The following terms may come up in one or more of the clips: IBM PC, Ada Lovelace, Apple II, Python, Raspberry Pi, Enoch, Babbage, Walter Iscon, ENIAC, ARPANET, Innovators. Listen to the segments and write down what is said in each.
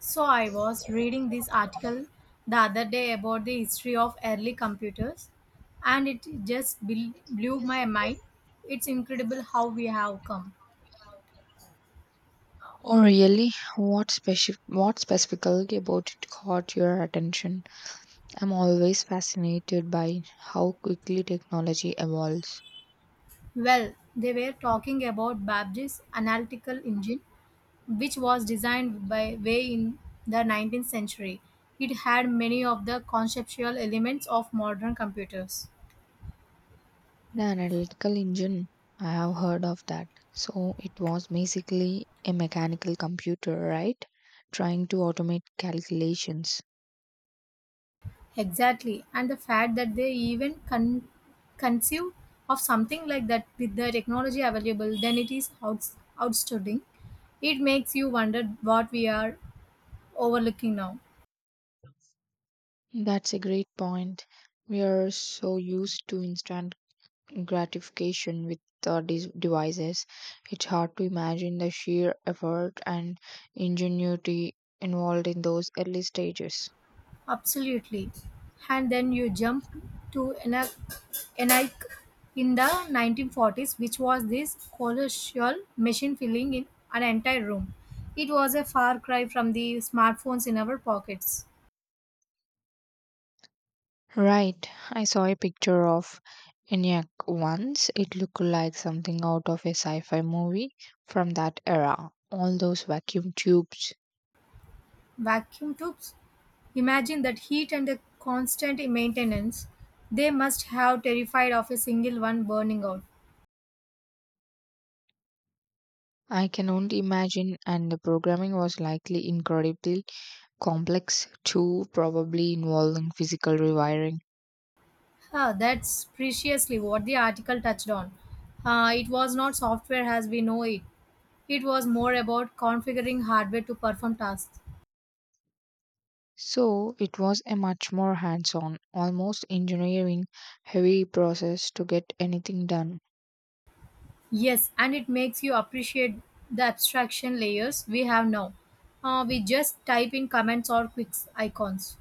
So I was reading this article the other day about the history of early computers, and it just blew my mind. It's incredible how we have come. Oh, really? What specifically about it caught your attention? I'm always fascinated by how quickly technology evolves. Well, they were talking about Babbage's analytical engine, which was designed by way in the 19th century. It had many of the conceptual elements of modern computers. The analytical engine, I have heard of that. So it was basically a mechanical computer, right? Trying to automate calculations. Exactly. And the fact that they even conceive of something like that with the technology available, then it is outstanding. It makes you wonder what we are overlooking now. That's a great point. We are so used to instant gratification with the devices. It's hard to imagine the sheer effort and ingenuity involved in those early stages. Absolutely. And then you jump to Enoch in the 1940s, which was this colossal machine filling in an entire room. It was a far cry from the smartphones in our pockets. Right, I saw a picture of ENIAC once. It looked like something out of a sci fi movie from that era. All those vacuum tubes. Vacuum tubes? Imagine that heat and the constant maintenance. They must have terrified of a single one burning out. I can only imagine, and the programming was likely incredibly complex too, probably involving physical rewiring. Ah, that's preciously what the article touched on. Ah, it was not software as we know it. It was more about configuring hardware to perform tasks. So it was a much more hands on, almost engineering heavy process to get anything done. Yes, and it makes you appreciate the abstraction layers we have now. We just type in commands or quick icons.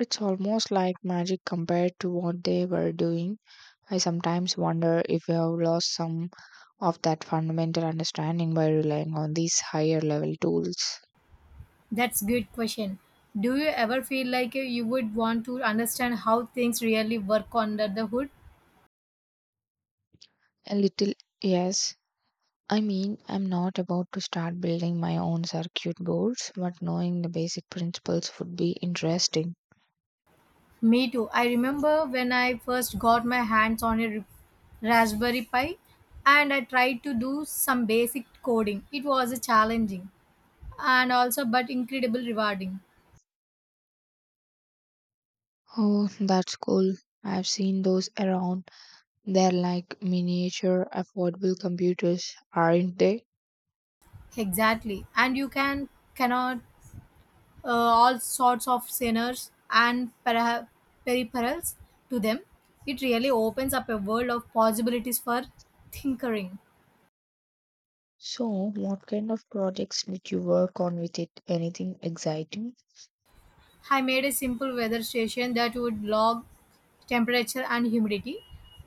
It's almost like magic compared to what they were doing. I sometimes wonder if we have lost some of that fundamental understanding by relying on these higher level tools. That's good question. Do you ever feel like you would want to understand how things really work under the hood? A little, yes. I mean, I'm not about to start building my own circuit boards, but knowing the basic principles would be interesting. Me too. I remember when I first got my hands on a Raspberry Pi and I tried to do some basic coding. It was challenging and also but incredibly rewarding. Oh, that's cool. I've seen those around. They're like miniature affordable computers, aren't they? Exactly. And you can cannot all sorts of sinners and peripherals to them. It really opens up a world of possibilities for tinkering. So, what kind of projects did you work on with it? Anything exciting? I made a simple weather station that would log temperature and humidity.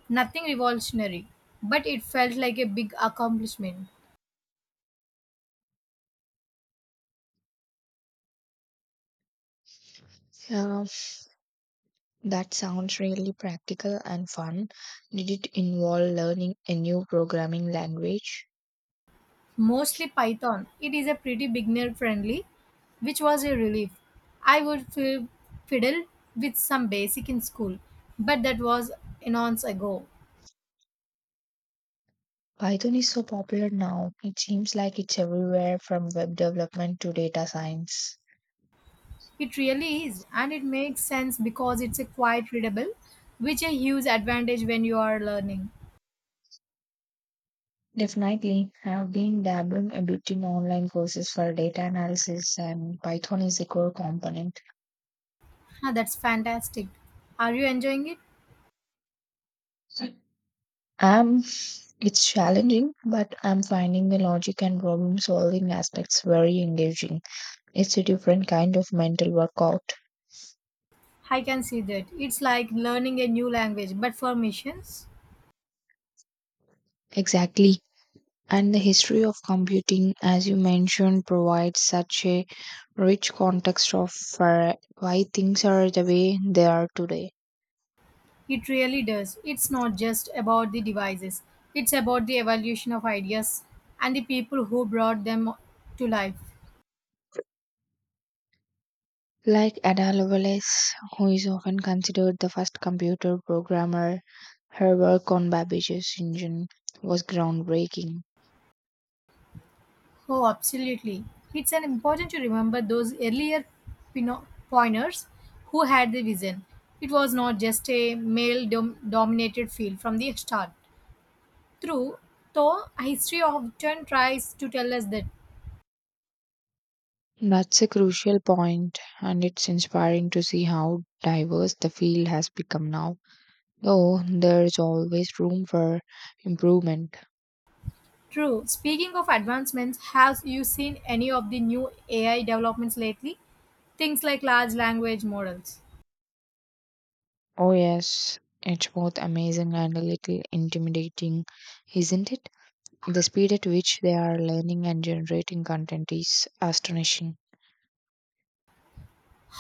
Nothing revolutionary, but it felt like a big accomplishment. Yeah, that sounds really practical and fun. Did it involve learning a new programming language? Mostly Python. It is a pretty beginner friendly, which was a relief. I would fiddle with some basic in school, but that was eons ago. Python is so popular now. It seems like it's everywhere from web development to data science. It really is, and it makes sense because it's a quite readable, which a huge advantage when you are learning. Definitely, I've been dabbling a bit in online courses for data analysis, and Python is a core component. Ah, that's fantastic. Are you enjoying it? I'm It's challenging, but I'm finding the logic and problem solving aspects very engaging. It's a different kind of mental workout. I can see that. It's like learning a new language, but for missions, Exactly. And the history of computing, as you mentioned, provides such a rich context of uh, why things are the way they are today. it really does. It's not just about the devices, it's about the evolution of ideas and the people who brought them to life. Like Ada Lovelace, who is often considered the first computer programmer, her work on Babbage's engine was groundbreaking. Oh, absolutely. It's an important to remember those earlier pointers who had the vision. It was not just a male dominated field from the start. True, though history often tries to tell us that. That's a crucial point, and it's inspiring to see how diverse the field has become now. Though there is always room for improvement. True. Speaking of advancements, have you seen any of the new AI developments lately? Things like large language models. Oh, yes, it's both amazing and a little intimidating, isn't it? The speed at which they are learning and generating content is astonishing.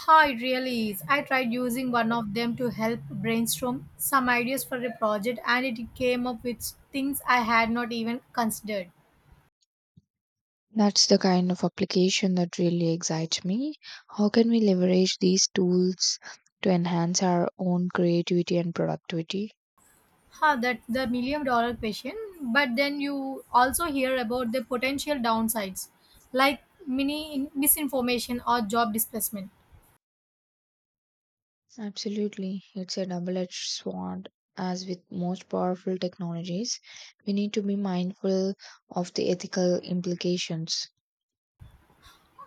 How it really is. I tried using one of them to help brainstorm some ideas for a project, and it came up with things I had not even considered. That's the kind of application that really excites me. How can we leverage these tools to enhance our own creativity and productivity? Huh, that's the million dollar question. But then you also hear about the potential downsides like mini misinformation or job displacement. Absolutely. It's a double edged sword. As with most powerful technologies, we need to be mindful of the ethical implications.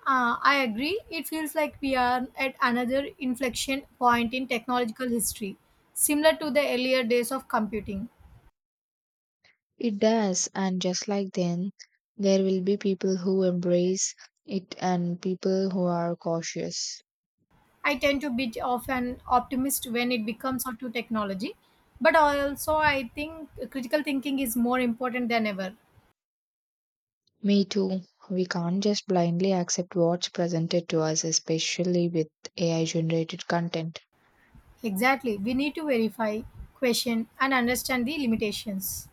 I agree, it feels like we are at another inflection point in technological history, similar to the earlier days of computing. It does, and just like then, there will be people who embrace it and people who are cautious. I tend to be of an optimist when it becomes out to technology, but also I think critical thinking is more important than ever. Me too. We can't just blindly accept what's presented to us, especially with AI generated content. Exactly, we need to verify, question, and understand the limitations.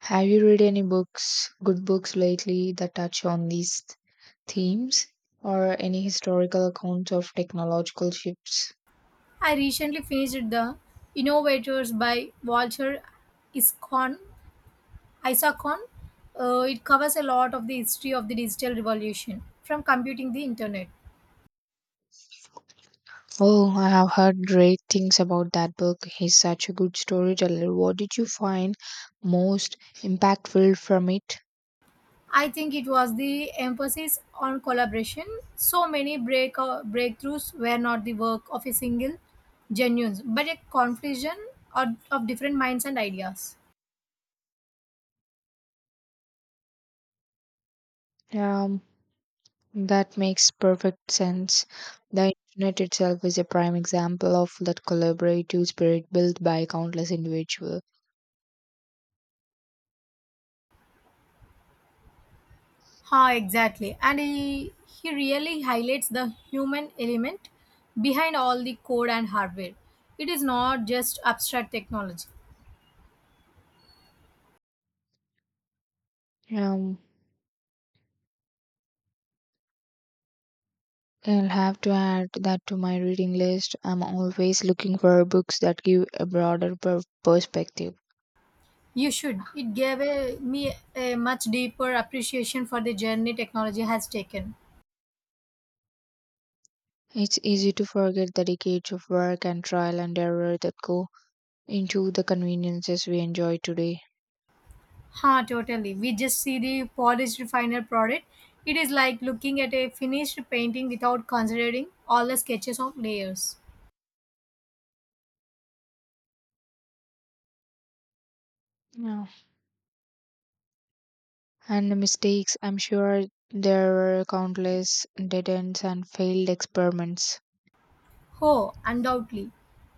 Have you read any books, good books lately that touch on these themes or any historical accounts of technological shifts? I recently finished the Innovators by Walter Iscon Isaacon. It covers a lot of the history of the digital revolution, from computing the internet. Oh, I have heard great things about that book. He's such a good storyteller. What did you find most impactful from it? I think it was the emphasis on collaboration. So many breakthroughs were not the work of a single genius, but a confusion of different minds and ideas. Um, that makes perfect sense. The internet itself is a prime example of that collaborative spirit built by countless individuals. Ha, exactly. And he really highlights the human element behind all the code and hardware. It is not just abstract technology. Um, I'll have to add that to my reading list. I'm always looking for books that give a broader perspective. You should. It gave me a much deeper appreciation for the journey technology has taken. It's easy to forget the decades of work and trial and error that go into the conveniences we enjoy today. Huh, totally. We just see the polished final product. It is like looking at a finished painting without considering all the sketches of layers. Yeah. And the mistakes, I'm sure there were countless dead ends and failed experiments. Oh, undoubtedly.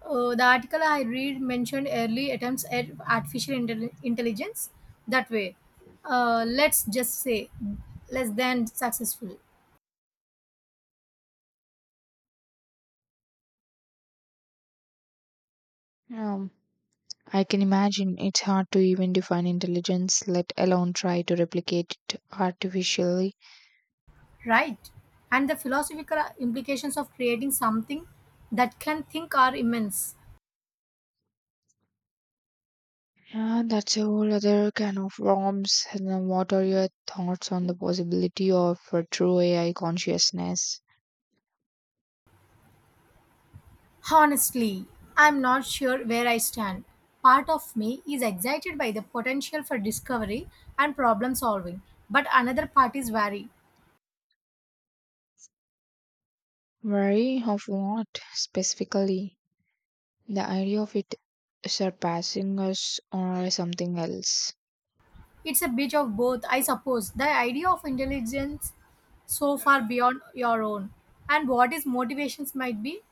The article I read mentioned early attempts at intelligence that way. Let's just say less than successful, Yeah. I can imagine it's hard to even define intelligence, let alone try to replicate it artificially. right? And the philosophical implications of creating something that can think are immense. Yeah, that's a whole other can of worms. And then what are your thoughts on the possibility of a true AI consciousness? Honestly, I'm not sure where I stand. Part of me is excited by the potential for discovery and problem solving, but another part is wary. Worry of what specifically? The idea of it surpassing us or something else. It's a bit of both, I suppose. The idea of intelligence so far beyond your own and what his motivations might be,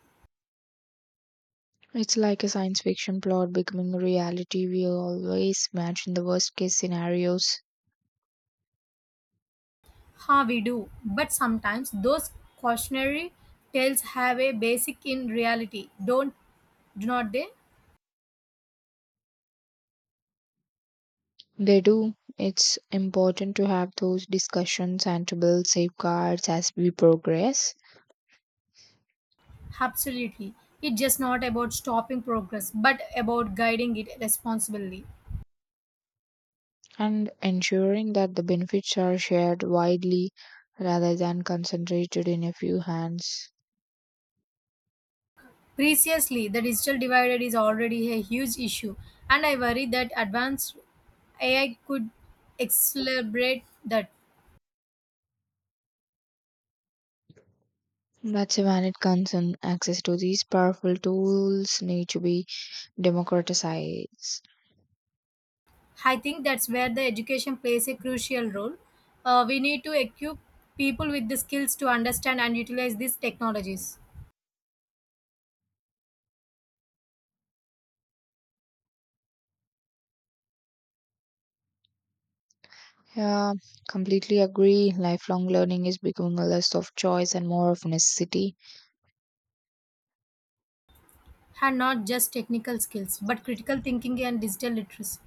It's like a science fiction plot becoming a reality. We always imagine the worst case scenarios. how we do. But sometimes those cautionary tales have a basic in reality, don't do not they? They do. It's important to have those discussions and to build safeguards as we progress. Absolutely. It's just not about stopping progress, but about guiding it responsibly. And ensuring that the benefits are shared widely rather than concentrated in a few hands. Preciously, the digital divide is already a huge issue, and I worry that advanced AI could accelerate that. That's a valid concern. Access to these powerful tools need to be democratized. I think that's where the education plays a crucial role. We need to equip people with the skills to understand and utilize these technologies, Yeah, completely agree. Lifelong learning is becoming a less of choice and more of necessity. and not just technical skills, but critical thinking and digital literacy.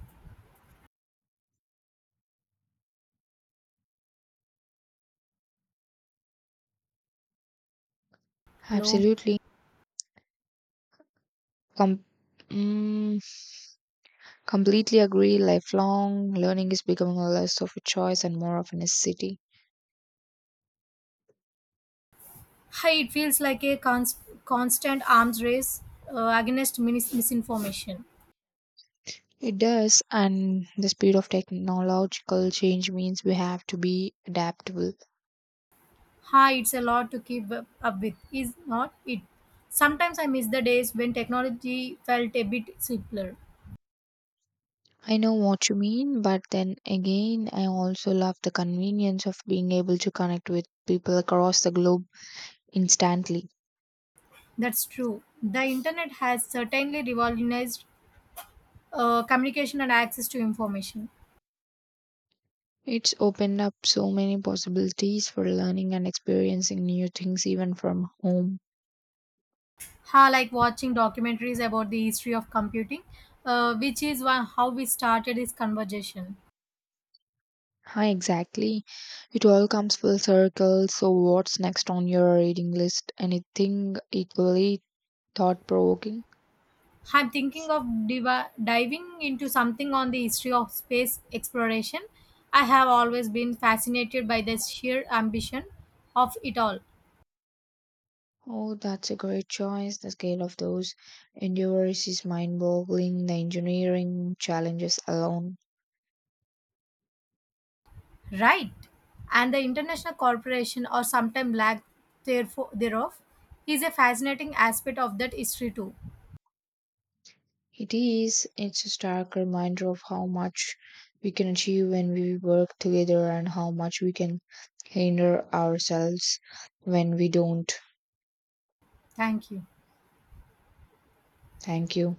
Hello. Absolutely. Com- mm, Completely agree. Lifelong learning is becoming a less of a choice and more of a necessity. Hi, it feels like a constant arms race against misinformation. It does, and the speed of technological change means we have to be adaptable. Hi, it's a lot to keep up with, is not it? Sometimes I miss the days when technology felt a bit simpler. I know what you mean, but then again, I also love the convenience of being able to connect with people across the globe instantly. That's true. The internet has certainly revolutionized communication and access to information. It's opened up so many possibilities for learning and experiencing new things even from home. Ha, like watching documentaries about the history of computing, which is one, how we started this conversation. Hi, exactly. It all comes full circle. So, what's next on your reading list? Anything equally thought provoking? I'm thinking of diving into something on the history of space exploration. I have always been fascinated by the sheer ambition of it all. Oh, that's a great choice. The scale of those endeavors is mind-boggling. The engineering challenges alone. Right. And the international corporation, or sometimes lack thereof, is a fascinating aspect of that history too. It is. It's a stark reminder of how much we can achieve when we work together and how much we can hinder ourselves when we don't. Thank you. Thank you.